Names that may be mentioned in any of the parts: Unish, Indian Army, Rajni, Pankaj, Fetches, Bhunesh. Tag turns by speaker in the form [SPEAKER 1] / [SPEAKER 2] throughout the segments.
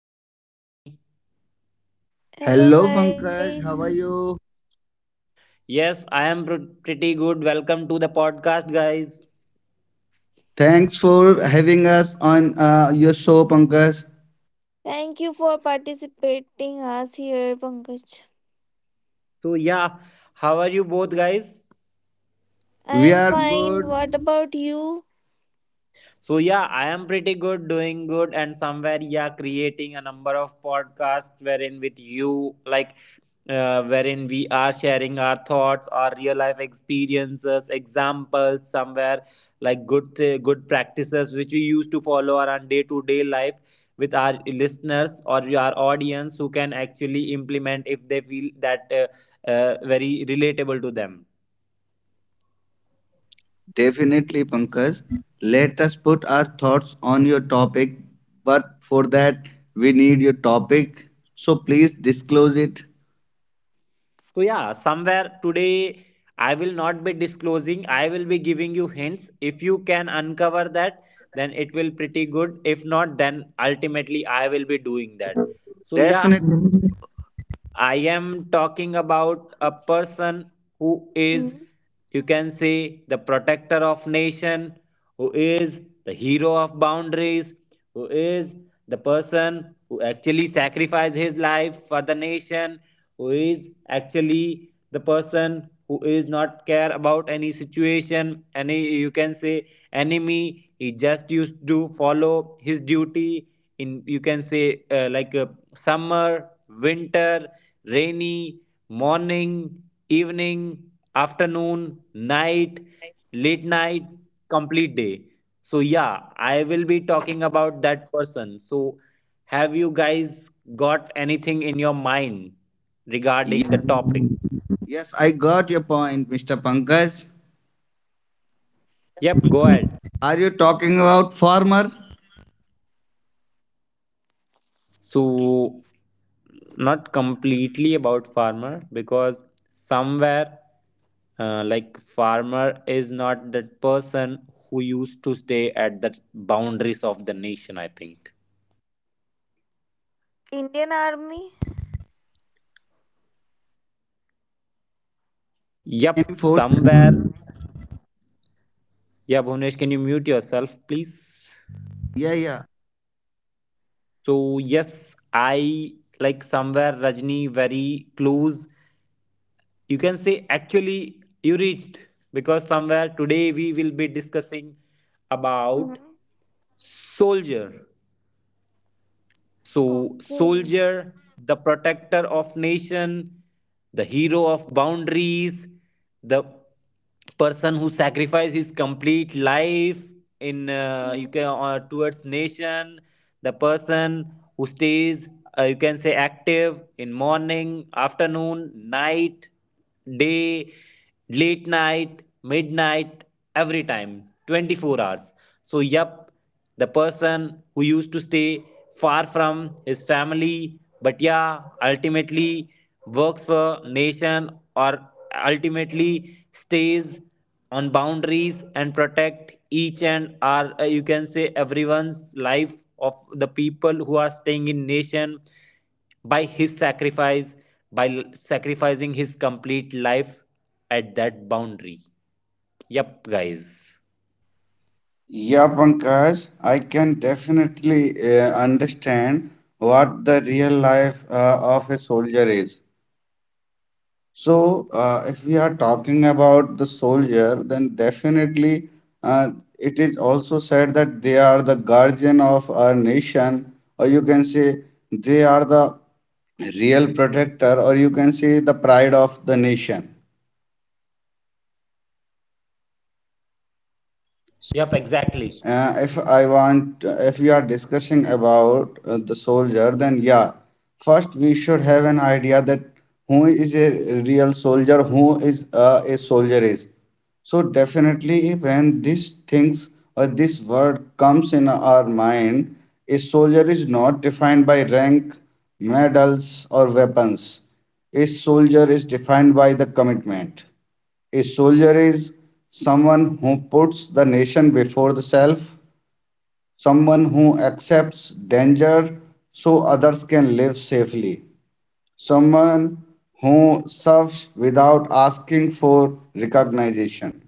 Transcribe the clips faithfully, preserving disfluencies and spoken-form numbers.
[SPEAKER 1] Hello Unish. Hello Rajni.
[SPEAKER 2] Hello,
[SPEAKER 3] Hello
[SPEAKER 2] Pankaj.
[SPEAKER 3] guys.
[SPEAKER 2] How are you?
[SPEAKER 1] Yes, I am pr- pretty good. Welcome to the podcast, guys.
[SPEAKER 2] Thanks for having us on uh, your show, Pankaj.
[SPEAKER 3] Thank you for participating us here, Pankaj.
[SPEAKER 1] So yeah, how are you both, guys?
[SPEAKER 3] I
[SPEAKER 2] We
[SPEAKER 3] am
[SPEAKER 2] are
[SPEAKER 3] fine. What
[SPEAKER 2] good.
[SPEAKER 3] about you?
[SPEAKER 1] So yeah, I am pretty good, doing good, and somewhere yeah, creating a number of podcasts wherein with you, like uh, wherein we are sharing our thoughts, our real life experiences, examples, somewhere like good th- good practices which we used to follow around day to day life with our listeners or our audience who can actually implement if they feel that uh, uh, very relatable to them.
[SPEAKER 2] Definitely, Pankaj. Let us put our thoughts on your topic, but for that, we need your topic. So please disclose it.
[SPEAKER 1] So yeah, somewhere today I will not be disclosing. I will be giving you hints. If you can uncover that, then it will pretty good. If not, then ultimately I will be doing that. So yeah,
[SPEAKER 2] Definitely.
[SPEAKER 1] I am talking about a person who is,
[SPEAKER 3] Hmm?
[SPEAKER 1] you can say, the protector of nation, who is the hero of boundaries, who is the person who actually sacrifices his life for the nation, who is actually the person who is not care about any situation, any you can say enemy. He just used to follow his duty in you can say uh, like uh, summer, winter rainy, morning, evening, afternoon, night, late night, complete day. So, yeah, I will be talking about that person. So, have you guys got anything in your mind regarding the
[SPEAKER 2] Yes,
[SPEAKER 1] topic?
[SPEAKER 2] yes, I got your point, mister Pankaj.
[SPEAKER 1] Yep, go ahead.
[SPEAKER 2] Are you talking about farmer?
[SPEAKER 1] So not completely about farmer because somewhere uh, like farmer is not that person who used to stay at the boundaries of the nation, I think.
[SPEAKER 3] Indian Army?
[SPEAKER 2] Yeah, any
[SPEAKER 1] Yep,
[SPEAKER 2] force?
[SPEAKER 1] somewhere. Yeah Bhunesh, can you mute yourself please?
[SPEAKER 2] Yeah, yeah.
[SPEAKER 1] So yes, I like somewhere Rajni very close, you can say actually you reached, because somewhere today we will be discussing about
[SPEAKER 3] Hmm?
[SPEAKER 1] soldier. So,
[SPEAKER 3] Okay.
[SPEAKER 1] soldier, the protector of nation, the hero of boundaries, the person who sacrificed his complete life in uh, you can
[SPEAKER 3] Hmm.
[SPEAKER 1] uh, towards nation, the person who stays uh, you can say active in morning, afternoon, night, day, late night, midnight, every time, 24 hours. So, yep, the person who used to stay far from his family but yeah ultimately works for nation or ultimately stays on boundaries and protect each and are uh, you can say everyone's life of the people who are staying in nation by his sacrifice by l- sacrificing his complete life at that boundary. Yep guys.
[SPEAKER 2] Yeah, Pankaj, I can definitely uh, understand what the real life uh, of a soldier is. So, uh, if we are talking about the soldier, then definitely, uh, it is also said that they are the guardian of our nation, or you can say they are the real protector, or you can say the pride of the nation.
[SPEAKER 1] Yep exactly.
[SPEAKER 2] Uh, if I want, If we are discussing about uh, the soldier, then yeah, first we should have an idea that who is a real soldier, who is uh, a soldier is. So definitely, when these things or this word comes in our mind, a soldier is not defined by rank, medals, or weapons. A soldier is defined by the commitment. A soldier is someone who puts the nation before the self, someone who accepts danger so others can live safely, someone who serves without asking for recognition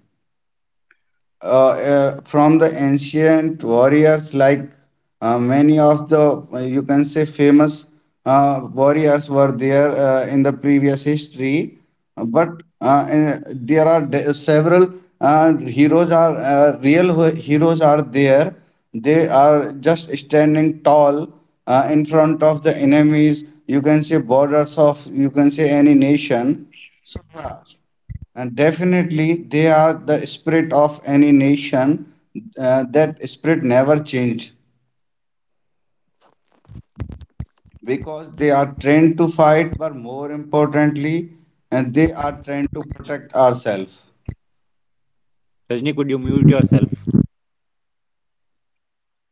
[SPEAKER 2] uh, uh, from the ancient warriors, like uh, many of the, uh, you can say, famous uh, warriors were there uh, in the previous history. But uh, uh, there are de- several uh, heroes, are uh, real ho- heroes are there. They are just standing tall uh, in front of the enemies, you can say borders of, you can say, any nation. So, yeah. And definitely, they are the spirit of any nation. Uh, that spirit never changed because they are trained to fight, but more importantly, and they are trained to protect ourselves.
[SPEAKER 1] Rajni, could you mute yourself?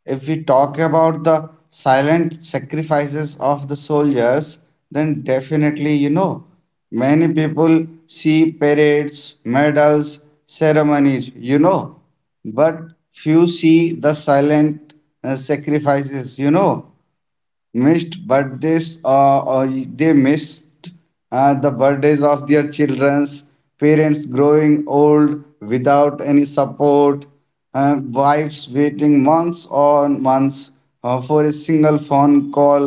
[SPEAKER 2] If we talk about the silent sacrifices of the soldiers, then definitely, you know, many people see parades, medals, ceremonies, you know, but few see the silent uh, sacrifices. You know missed birthdays. Uh, uh, they missed uh, the birthdays of their children's, parents growing old without any support, uh, wives waiting months on months uh, for a single phone call,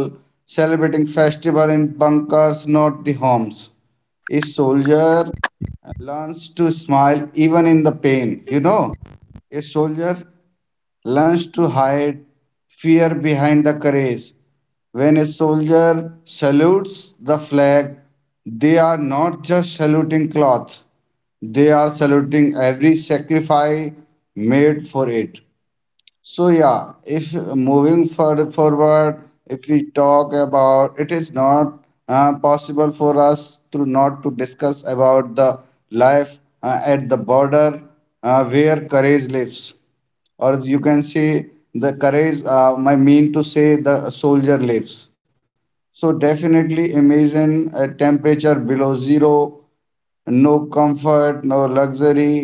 [SPEAKER 2] celebrating festival in bunkers, not the homes. A soldier learns to smile even in the pain you know A soldier learns to hide fear behind the courage. When a soldier salutes the flag, they are not just saluting cloth, they are saluting every sacrifice made for it. So yeah, if moving for, forward, if we talk about, it is not uh, possible for us to not to discuss about the life uh, at the border uh, where courage lives, or you can say the courage, uh, I mean to say the soldier lives. So definitely, imagine a temperature below zero, no comfort, no luxury,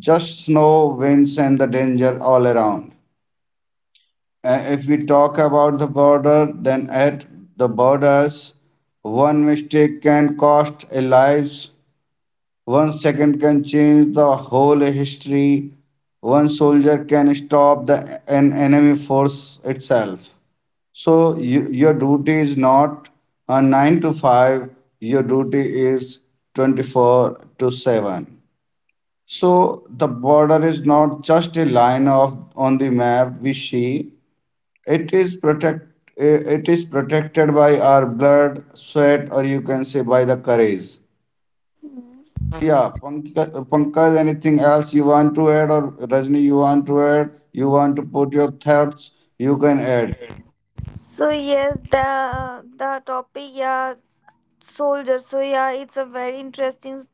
[SPEAKER 2] just snow, winds, and the danger all around. Uh, if we talk about the border, then at the borders, one mistake can cost a lives, one second can change the whole history. One soldier can stop the an enemy force itself. So you, your duty is not a nine to five, your duty is twenty-four to seven. So the border is not just a line of on the map we see. It is protect eh, it is protected by our blood, sweat, or you can say by the courage. Yeah, Pankaj, Pankaj, anything else you want to add, or Rajni, you want to add? You want to put your thoughts? You can add.
[SPEAKER 4] So yes, the the topic, yeah, soldiers. So yeah, it's a very interesting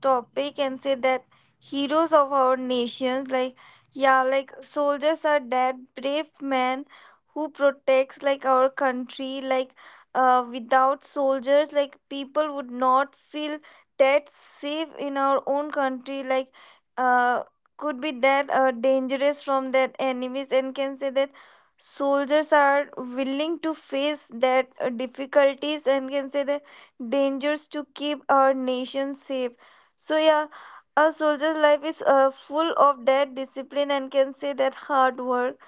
[SPEAKER 4] topic and say that heroes of our nations like, yeah, like soldiers are that brave men who protects like our country like uh, without soldiers like people would not feel that safe in our own country like uh, could be that uh, dangerous from that enemies and can say that soldiers are willing to face that uh, difficulties and can say that dangers to keep our nation safe. So yeah, a soldier's life is uh, full of that discipline and can say that hard work.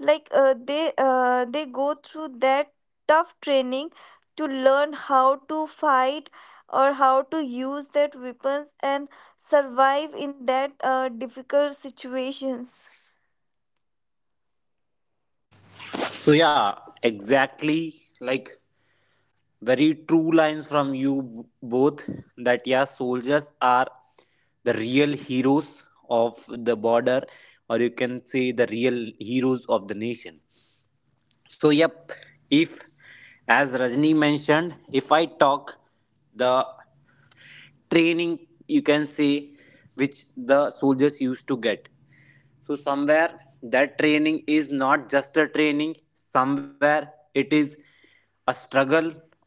[SPEAKER 4] Like uh, they uh, they go through that tough training to learn how to fight or how to use that weapons and survive in that uh, difficult situations.
[SPEAKER 1] So yeah, exactly like very true lines from you b- both, that yeah, soldiers are the real heroes of the border or you can say the real heroes of the nation. So yep, if as Rajni mentioned, if I talk the training you can say which the soldiers used to get. So, somewhere that training is not just a training, somewhere it is a struggle.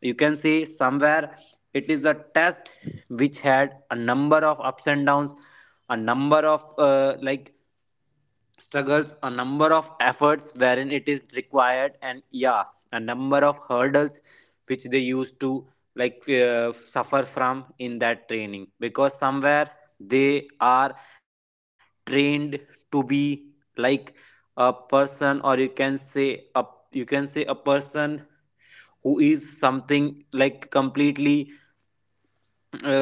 [SPEAKER 1] You can say somewhere it is a test which had a number of ups and downs, a number of uh, like struggles, a number of efforts wherein it is required, and yeah, a number of hurdles which they used to like uh, suffer from in that training because somewhere they are trained to be like a person or you can say a you can say a person who is something like completely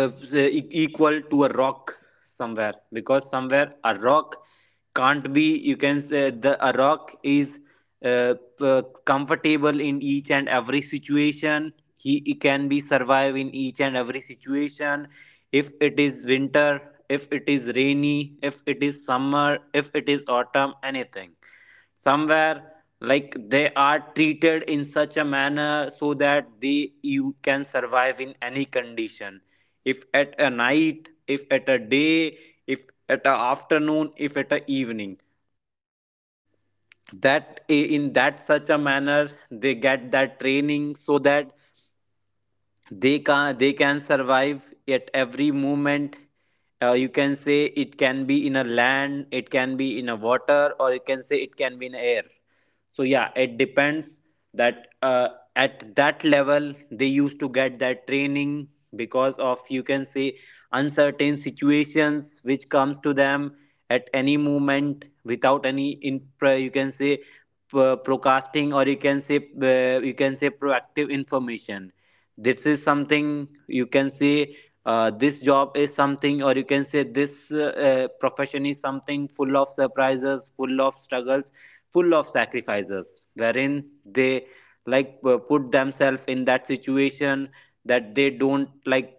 [SPEAKER 1] uh, e- equal to a rock somewhere, because somewhere a rock can't be you can say the a rock is uh, p- comfortable in each and every situation. He, he can be survive in each and every situation if it is winter if it is rainy if it is summer if it is autumn anything, somewhere like they are treated in such a manner so that they you can survive in any condition, if at a night if at a day if at a afternoon if at a evening, that in that such a manner they get that training so that they can they can survive at every moment. Uh, you can say it can be in a land it can be in a water or you can say it can be in air. So yeah it depends that uh, at that level they used to get that training because of you can say uncertain situations which comes to them at any moment without any in you can say uh, procasting or you can say uh, you can say proactive information. This is something you can say uh, this job is something or you can say this uh, uh, profession is something full of surprises, full of struggles, full of sacrifices wherein they like uh, put themselves in that situation that they don't like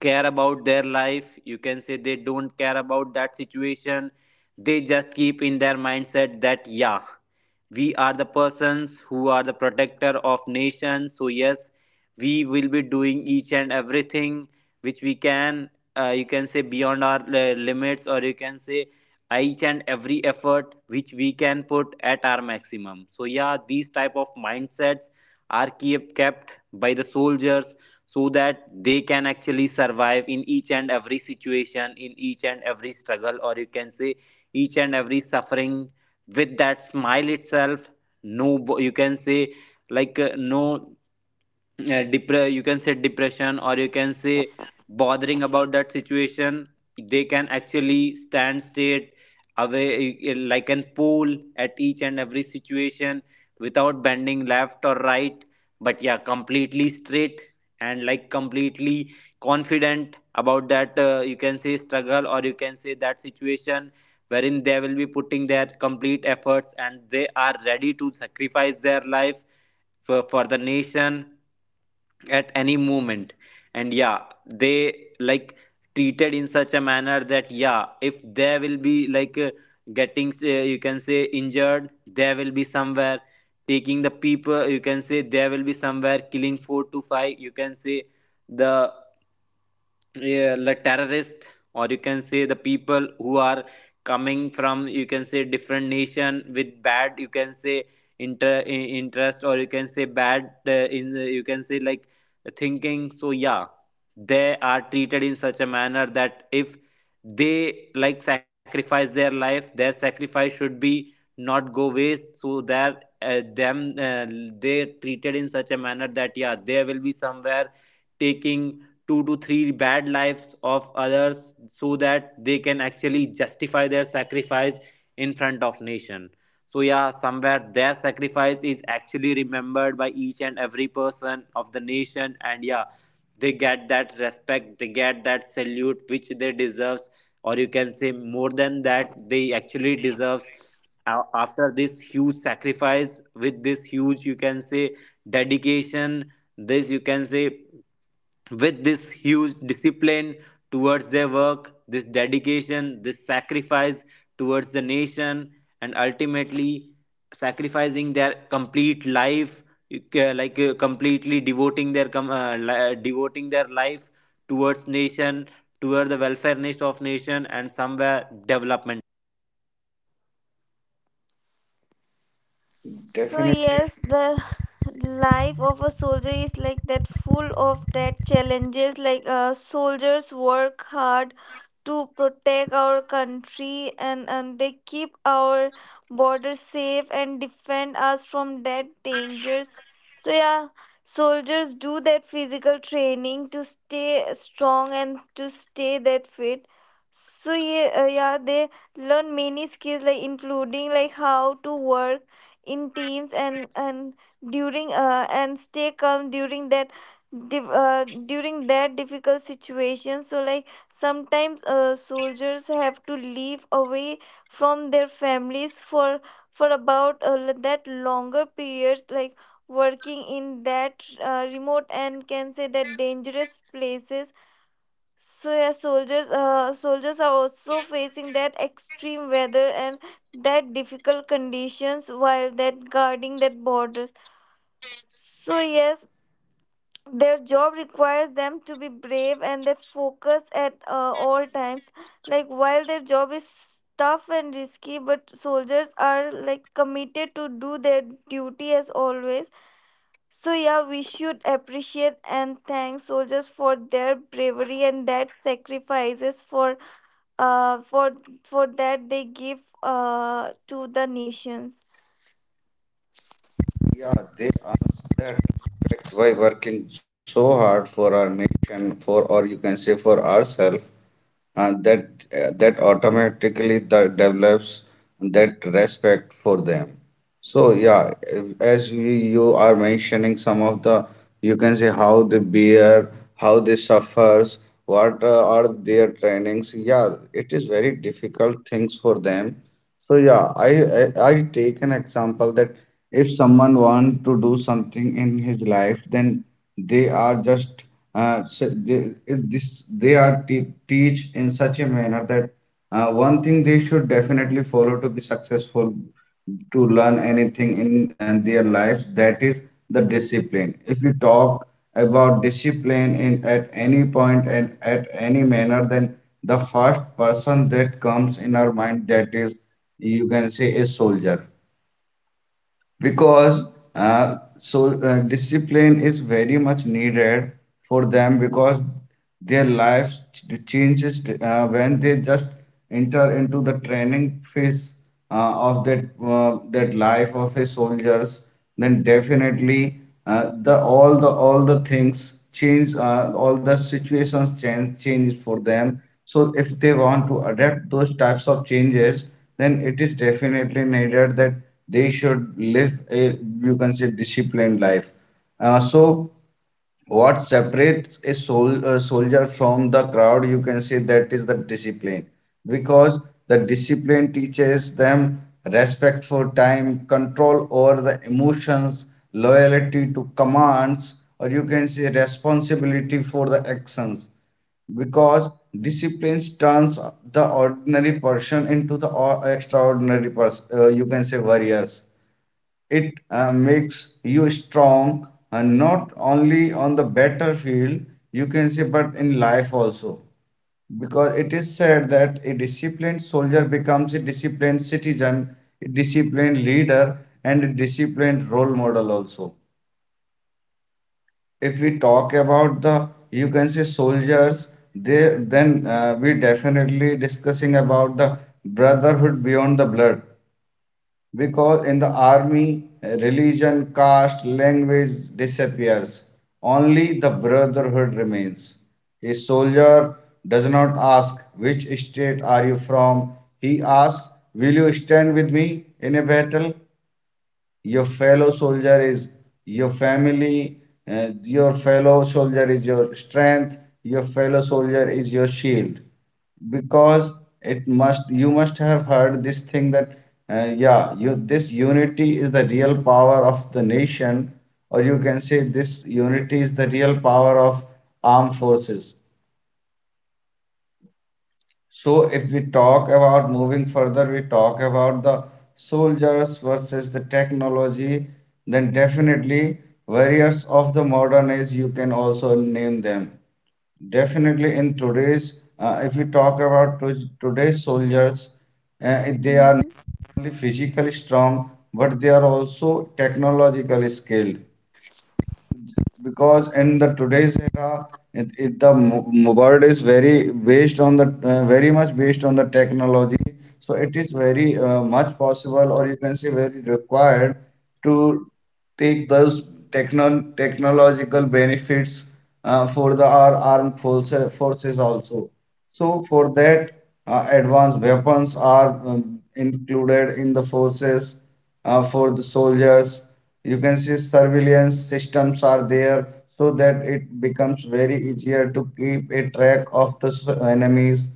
[SPEAKER 1] care about their life. You can say they don't care about that situation. They just keep in their mindset that yeah, we are the persons who are the protector of nation. So yes, we will be doing each and everything which we can uh, you can say beyond our uh, limits, or you can say each and every effort which we can put at our maximum. So yeah, these type of mindsets are keep, kept by the soldiers so that they can actually survive in each and every situation, in each and every struggle or you can say each and every suffering, with that smile itself. No, you can say like uh, no uh, depre- you can say depression or you can say bothering about that situation. They can actually stand straight away eh, eh, like an pole at each and every situation, without bending left or right but yeah completely straight and like completely confident about that uh, you can say struggle or you can say that situation, wherein they will be putting their complete efforts and they are ready to sacrifice their life for, for the nation at any moment. And yeah, they like treated in such a manner that yeah if they will be like uh, getting uh, you can say injured, they will be somewhere taking the people. You can say they will be somewhere killing four to five, you can say the yeah, the terrorist, or you can say the people who are coming from you can say different nation with bad you can say inter i- interest or you can say bad uh, in the- you can say like thinking. So yeah, they are treated in such a manner that if they like sacrifice their life, their sacrifice should be not go waste, so that uh, them uh, they treated in such a manner that yeah, they will be somewhere taking two to three bad lives of others so that they can actually justify their sacrifice in front of nation. So yeah, somewhere their sacrifice is actually remembered by each and every person of the nation, and yeah, they get that respect, they get that salute which they deserves, or you can say more than that they actually deserves. A- after this huge sacrifice, with this huge you can say dedication, this you can say with this huge discipline towards their work, this dedication, this sacrifice towards the nation, and ultimately sacrificing their complete life, you ca- like uh, completely devoting their com- uh, li- uh, devoting their life towards nation, towards the welfareness of nation and somewhere development of nation.
[SPEAKER 4] So
[SPEAKER 2] Definitely,
[SPEAKER 4] yes, the life of a soldier is like that, full of that challenges. Like uh, soldiers work hard to protect our country, and and they keep our borders safe and defend us from that dangers. So yeah, soldiers do that physical training to stay strong and to stay that fit. So yeah, uh, yeah, they learn many skills like including like how to work in teams and and during uh, and stay calm during that div- uh, during that difficult situation. So like sometimes uh, soldiers have to leave away from their families for for about uh, that longer periods like working in that uh, remote and can say that dangerous places. So yeah, soldiers, uh, soldiers are also facing that extreme weather and that difficult conditions while that guarding that borders. So yes, their job requires them to be brave and that focus at uh, all times. Like while their job is tough and risky, but soldiers are like committed to do their duty as always. So yeah, we should appreciate and thank soldiers for their bravery and that sacrifices for uh, for for that they give uh, to the nations.
[SPEAKER 2] yeah, they answer that fact by working so hard for our nation, for, or you can say, for ourselves. And that, uh, that automatically that develops that respect for them. So yeah, if as you, you are mentioning some of the, you can say, how they bear, how they suffers, what uh, are their trainings. Yeah, it is very difficult things for them. So yeah, I, I I take an example that if someone wants to do something in his life, then they are just uh, s- they, if this they are te teach in such a manner that uh, one thing they should definitely follow to be successful, to learn anything in, in their lives, that is the discipline. If you talk about discipline in at any point and at any manner, then the first person that comes in our mind, that is, you can say, a soldier. Because, uh, so uh, discipline is very much needed for them because their lives ch- changes uh, when they just enter into the training phase uh, of that uh, that life of a soldiers. Then definitely, uh, the all the all the things change, uh, all the situations change change for them. So if they want to adapt those types of changes, then it is definitely needed that they should live a, you can say, disciplined life. Uh, so what separates a, sol- a soldier from the crowd, you can say, that is the discipline, because the discipline teaches them respect for time, control over the emotions, loyalty to commands, or you can say responsibility for the actions. Because discipline turns the ordinary person into the or- extraordinary person, uh, you can say warriors. It uh, makes you strong, and not only on the battlefield, you can say, but in life also. Because it is said that a disciplined soldier becomes a disciplined citizen, a disciplined leader, and a disciplined role model also. If we talk about the, you can say, soldiers, they then uh, we definitely discussing about the brotherhood beyond the blood, because in the army, religion, caste, language disappears, only the brotherhood remains. A soldier does not ask which state are you from, he asks, will you stand with me in a battle? Your fellow soldier is your family, uh, your fellow soldier is your strength, your fellow soldier is your shield. Because it must, you must have heard this thing that, uh, yeah, you, this unity is the real power of the nation, or you can say this unity is the real power of armed forces. So, if we talk about moving further, we talk about the soldiers versus the technology, then definitely warriors of the modern age, you can also name them. Definitely in today's, uh, if we talk about to- today's soldiers, uh, they are
[SPEAKER 4] Hmm.
[SPEAKER 2] not only physically strong, but they are also technologically skilled, because in the today's era, it, it the mo- mo- world is very based on the, uh, very much based on the technology. So it is very uh, much possible, or you can say very required, to take those techno technological benefits uh, for the our armed forces forces also. So for that, uh, advanced weapons are um, included in the forces uh, for the soldiers. You can see surveillance systems are there so that it becomes very easier to keep a track of the s- enemies.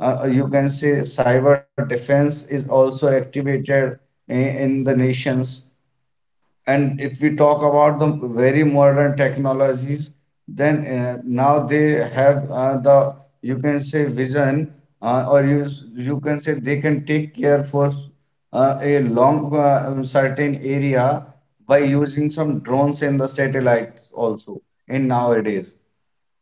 [SPEAKER 2] uh, uh, You can see cyber defense is also activated in, in the nations. And if we talk about the very modern technologies, then uh, now they have, uh, the, you can say, vision, uh, or you you can say they can take care for uh, a long, uh, um, certain area by using some drones and the satellites also in nowadays.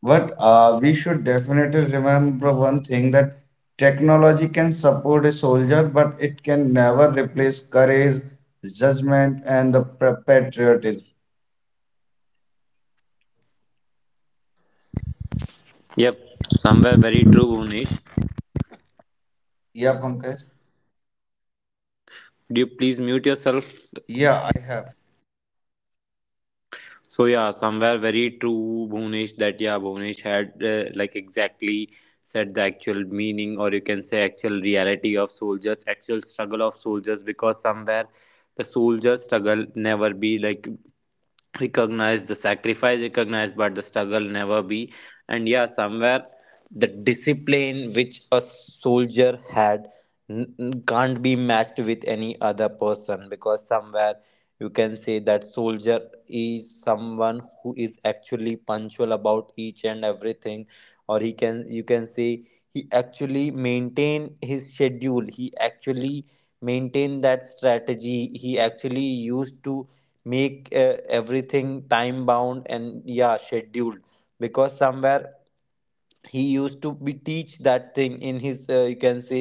[SPEAKER 2] But uh, we should definitely remember one thing, that technology can support a soldier, but it can never replace courage, judgment, and the pa- patriotism.
[SPEAKER 1] Yep, somewhere very true Bhunesh.
[SPEAKER 2] Yeah, Pankaj?
[SPEAKER 1] Do you please mute yourself?
[SPEAKER 2] Yeah, I have.
[SPEAKER 1] So yeah, somewhere very true, Bhunesh, that yeah, Bhunesh had uh, like exactly said the actual meaning or you can say actual reality of soldiers, actual struggle of soldiers, because somewhere the soldier struggle never be like recognized, the sacrifice recognized, but the struggle never be. And yeah, somewhere the discipline which a soldier had n- n- can't be matched with any other person, because somewhere you can say that soldier is someone who is actually punctual about each and everything, or he can you can say he actually maintain his schedule, he actually maintain that strategy, he actually used to make uh, everything time bound and yeah scheduled, because somewhere he used to be teach that thing in his uh, you can say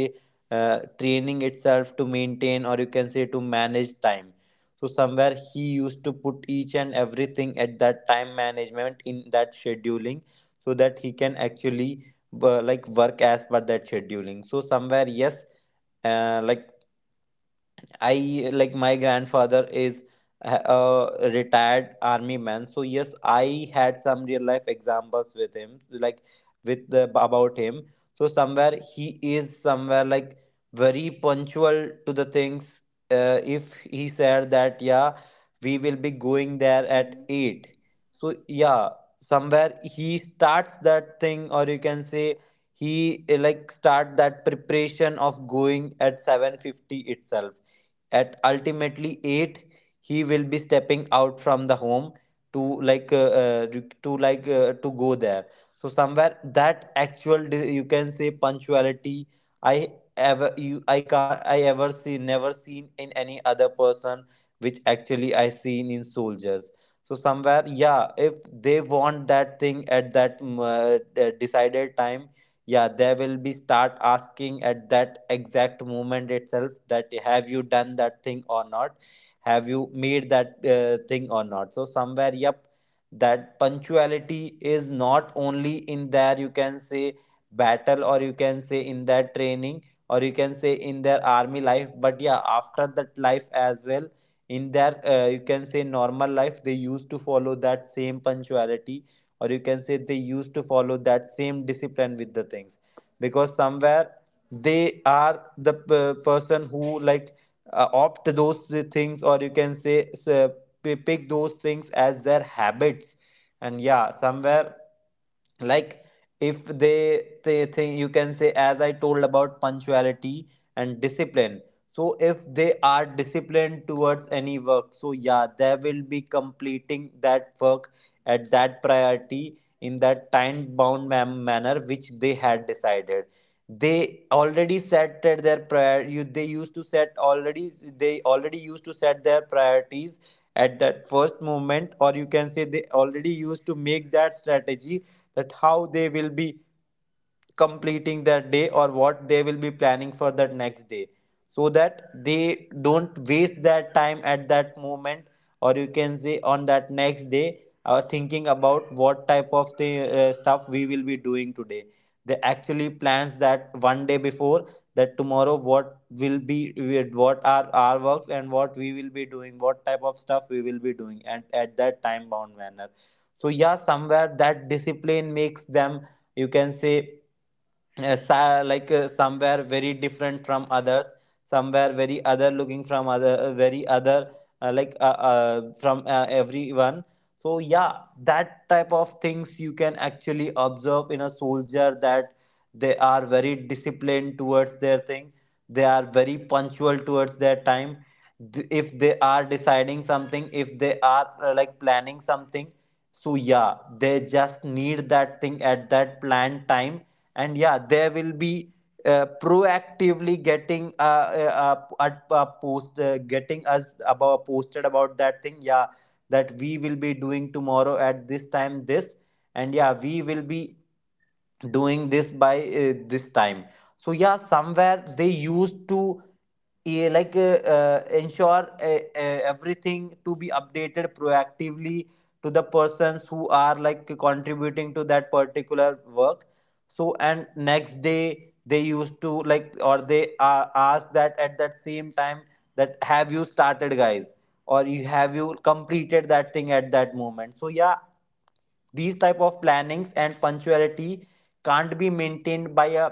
[SPEAKER 1] uh, training itself to maintain or you can say to manage time. So somewhere he used to put each and everything at that time management in that scheduling, so that he can actually uh, like work as per that scheduling. So somewhere yes, uh, like I like my grandfather is a a retired army man, so yes, I had some real life examples with him, like with the about him. So somewhere he is somewhere like very punctual to the things. Uh, if he said that yeah, we will be going there at eight. So yeah, somewhere he starts that thing, or you can say he uh, like start that preparation of going at seven fifty itself. At ultimately eight he will be stepping out from the home to like uh, uh, to like uh, to go there. So somewhere that actual di- you can say punctuality I ever you I can't I ever see never seen in any other person, which actually I seen in soldiers. So somewhere, yeah, if they want that thing at that mm, uh, d- decided time, yeah, they will be start asking at that exact moment itself that have you done that thing or not, have you made that uh, thing or not. So somewhere, yep, that punctuality is not only in there, you can say, battle, or you can say in their training, or you can say in their army life, but yeah, after that life as well, in their uh, you can say normal life. They used to follow that same punctuality, or you can say they used to follow that same discipline with the things, because somewhere they are the p- person who, like, uh, opt those things, or you can say, s- uh, p- pick those things as their habits. And yeah, somewhere, like, if they they think, you can say, as I told, about punctuality and discipline, so if they are disciplined towards any work, so yeah, they will be completing that work at that priority, in that time bound man- manner which they had decided. They already set at their prior you they used to set already, they already used to set their priorities at that first moment, or you can say they already used to make that strategy, that how they will be completing their day, or what they will be planning for that next day, so that they don't waste their time at that moment, or you can say on that next day, uh, thinking about what type of the uh, stuff we will be doing today. They actually plans that one day before, that tomorrow what will be, what are our works and what we will be doing, what type of stuff we will be doing, and at that time bound manner. So yeah, somewhere that discipline makes them, you can say, uh, sa- like uh, somewhere very different from others, somewhere very other looking from other, uh, very other, uh, like uh, uh, from uh, everyone. So yeah, that type of things you can actually observe in a soldier, that they are very disciplined towards their thing, they are very punctual towards their time. Th- if they are deciding something, if they are uh, like planning something, so yeah, they just need that thing at that planned time. And yeah, they will be uh, proactively getting uh, uh, uh, at- uh, post uh, getting us about posted about that thing, yeah, that we will be doing tomorrow at this time this, and yeah, we will be doing this by uh, this time. So yeah, somewhere they used to, yeah, like uh, uh, ensure uh, uh, everything to be updated proactively to the persons who are, like, contributing to that particular work. So, and next day they used to, like, or they uh, ask that at that same time, that have you started, guys, or you have you completed that thing at that moment. So yeah, these type of plannings and punctuality can't be maintained by a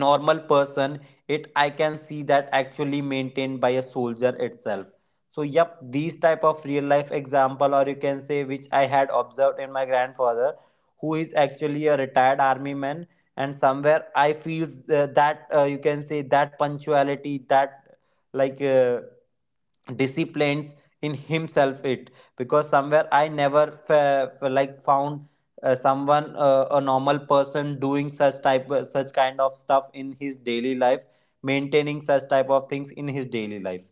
[SPEAKER 1] normal person. It, I can see that actually maintained by a soldier itself. So yep, these type of real life example, or you can say, which I had observed in my grandfather, who is actually a retired army man. And somewhere I feel, uh, that uh, you can say, that punctuality, that, like uh, disciplines in himself it, because somewhere I never fa- fa- like found uh, someone, uh, a normal person, doing such type, uh, such kind of stuff in his daily life, maintaining such type of things in his daily life.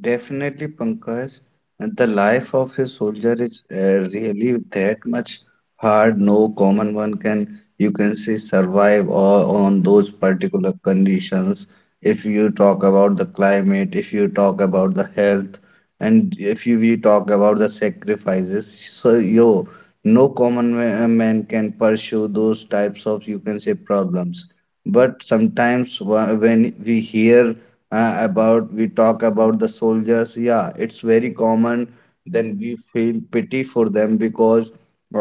[SPEAKER 2] Definitely, Pankaj, and the life of a soldier is uh, really that much hard. No common one can, you can say, survive or on those particular conditions. If you talk about the climate, if you talk about the health, and if you we talk about the sacrifices, so yo, no common ma- man can pursue those types of, you can say, problems. But sometimes wha- when we hear uh, about we talk about the soldiers, yeah, it's very common. Then we feel pity for them because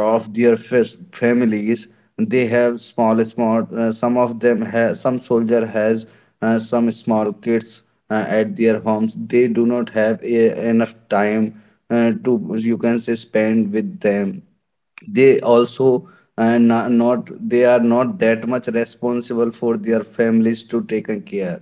[SPEAKER 2] of their fis- families. They have small small, uh, some of them have some soldier has uh, some small kids uh, at their homes. They do not have e- enough time uh, to, you can say, spend with them. They also, and no- not, they are not that much responsible for their families to take a care,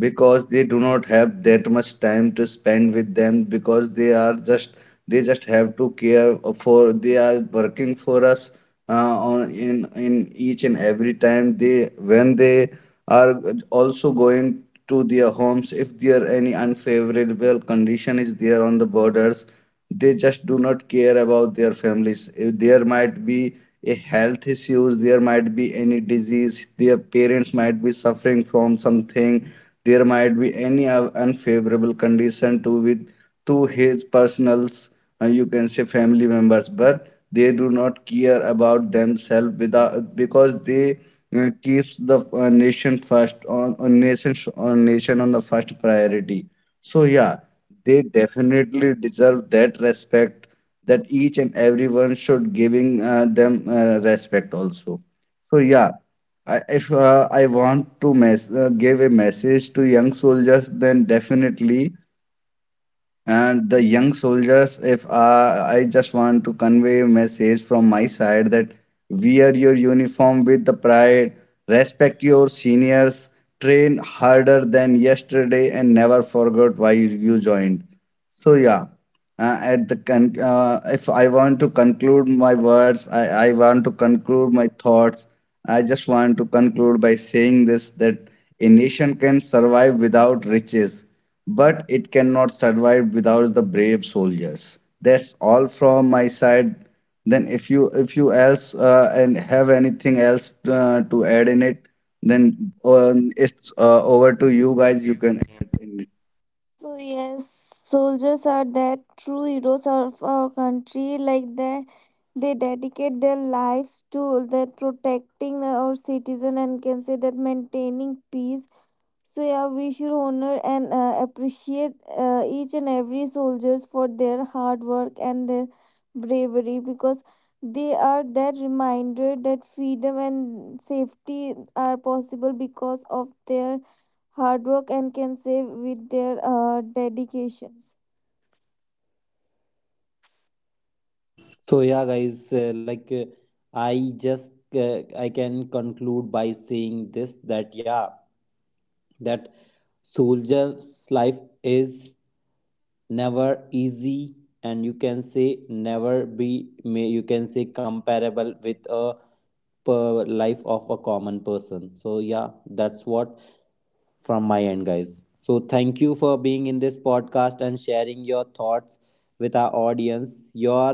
[SPEAKER 2] because they do not have that much time to spend with them, because they are just, they just have to care for, they are working for us, uh, on, in in each and every time they when they are also going to their homes. If there any unfavorable condition is there on the borders, they just do not care about their families. If there might be a health issues, there might be any disease, their parents might be suffering from something, there might be any o- unfavorable condition to with to his personals, uh, you can say family members, but they do not care about themselves without, because they uh, keeps the, uh, nation first on, on nation on nation on the first priority. So yeah, they definitely deserve that respect, that each and everyone should giving uh, them uh, respect also. So yeah, I, if uh, I want to mess, uh, give a message to young soldiers, then definitely. And the young soldiers, if uh, I just want to convey a message from my side, that wear your uniform with the pride, respect your seniors, train harder than yesterday, and never forget why you you joined. So yeah, uh, at the con- uh, if I want to conclude my words, I, I want to conclude my thoughts. I just want to conclude by saying this, that a nation can survive without riches, but it cannot survive without the brave soldiers. That's all from my side. Then if you if you else uh, and have anything else uh, to add in it, then um, it's uh, over to you guys. You can add.
[SPEAKER 4] So yes, soldiers are that true heroes of our country. Like they, they dedicate their lives to that protecting our citizen and can say that maintaining peace. So yeah, we should honor and uh, appreciate uh, each and every soldiers for their hard work and their bravery because they are that reminder that freedom and safety are possible because of their hard work and can save with their uh, dedications.
[SPEAKER 1] So yeah, guys, uh, like uh, I just uh, I can conclude by saying this that, yeah, that soldier's life is never easy, and you can say never be, may, you can say comparable with a per life of a common person. So yeah, that's what from my end, guys. So thank you for being in this podcast and sharing your thoughts with our audience. Your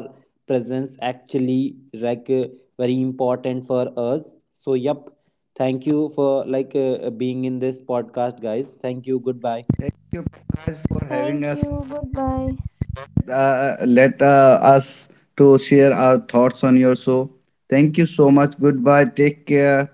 [SPEAKER 1] presence actually, like uh, very important for us. So yep, thank you for like uh, uh, being in this podcast, guys. Thank you. Goodbye.
[SPEAKER 2] Thank you guys for having
[SPEAKER 4] Thank
[SPEAKER 2] us
[SPEAKER 4] you. Bye bye.
[SPEAKER 2] uh, let uh, us to share our thoughts on your show. Thank you so much. Goodbye. Take care.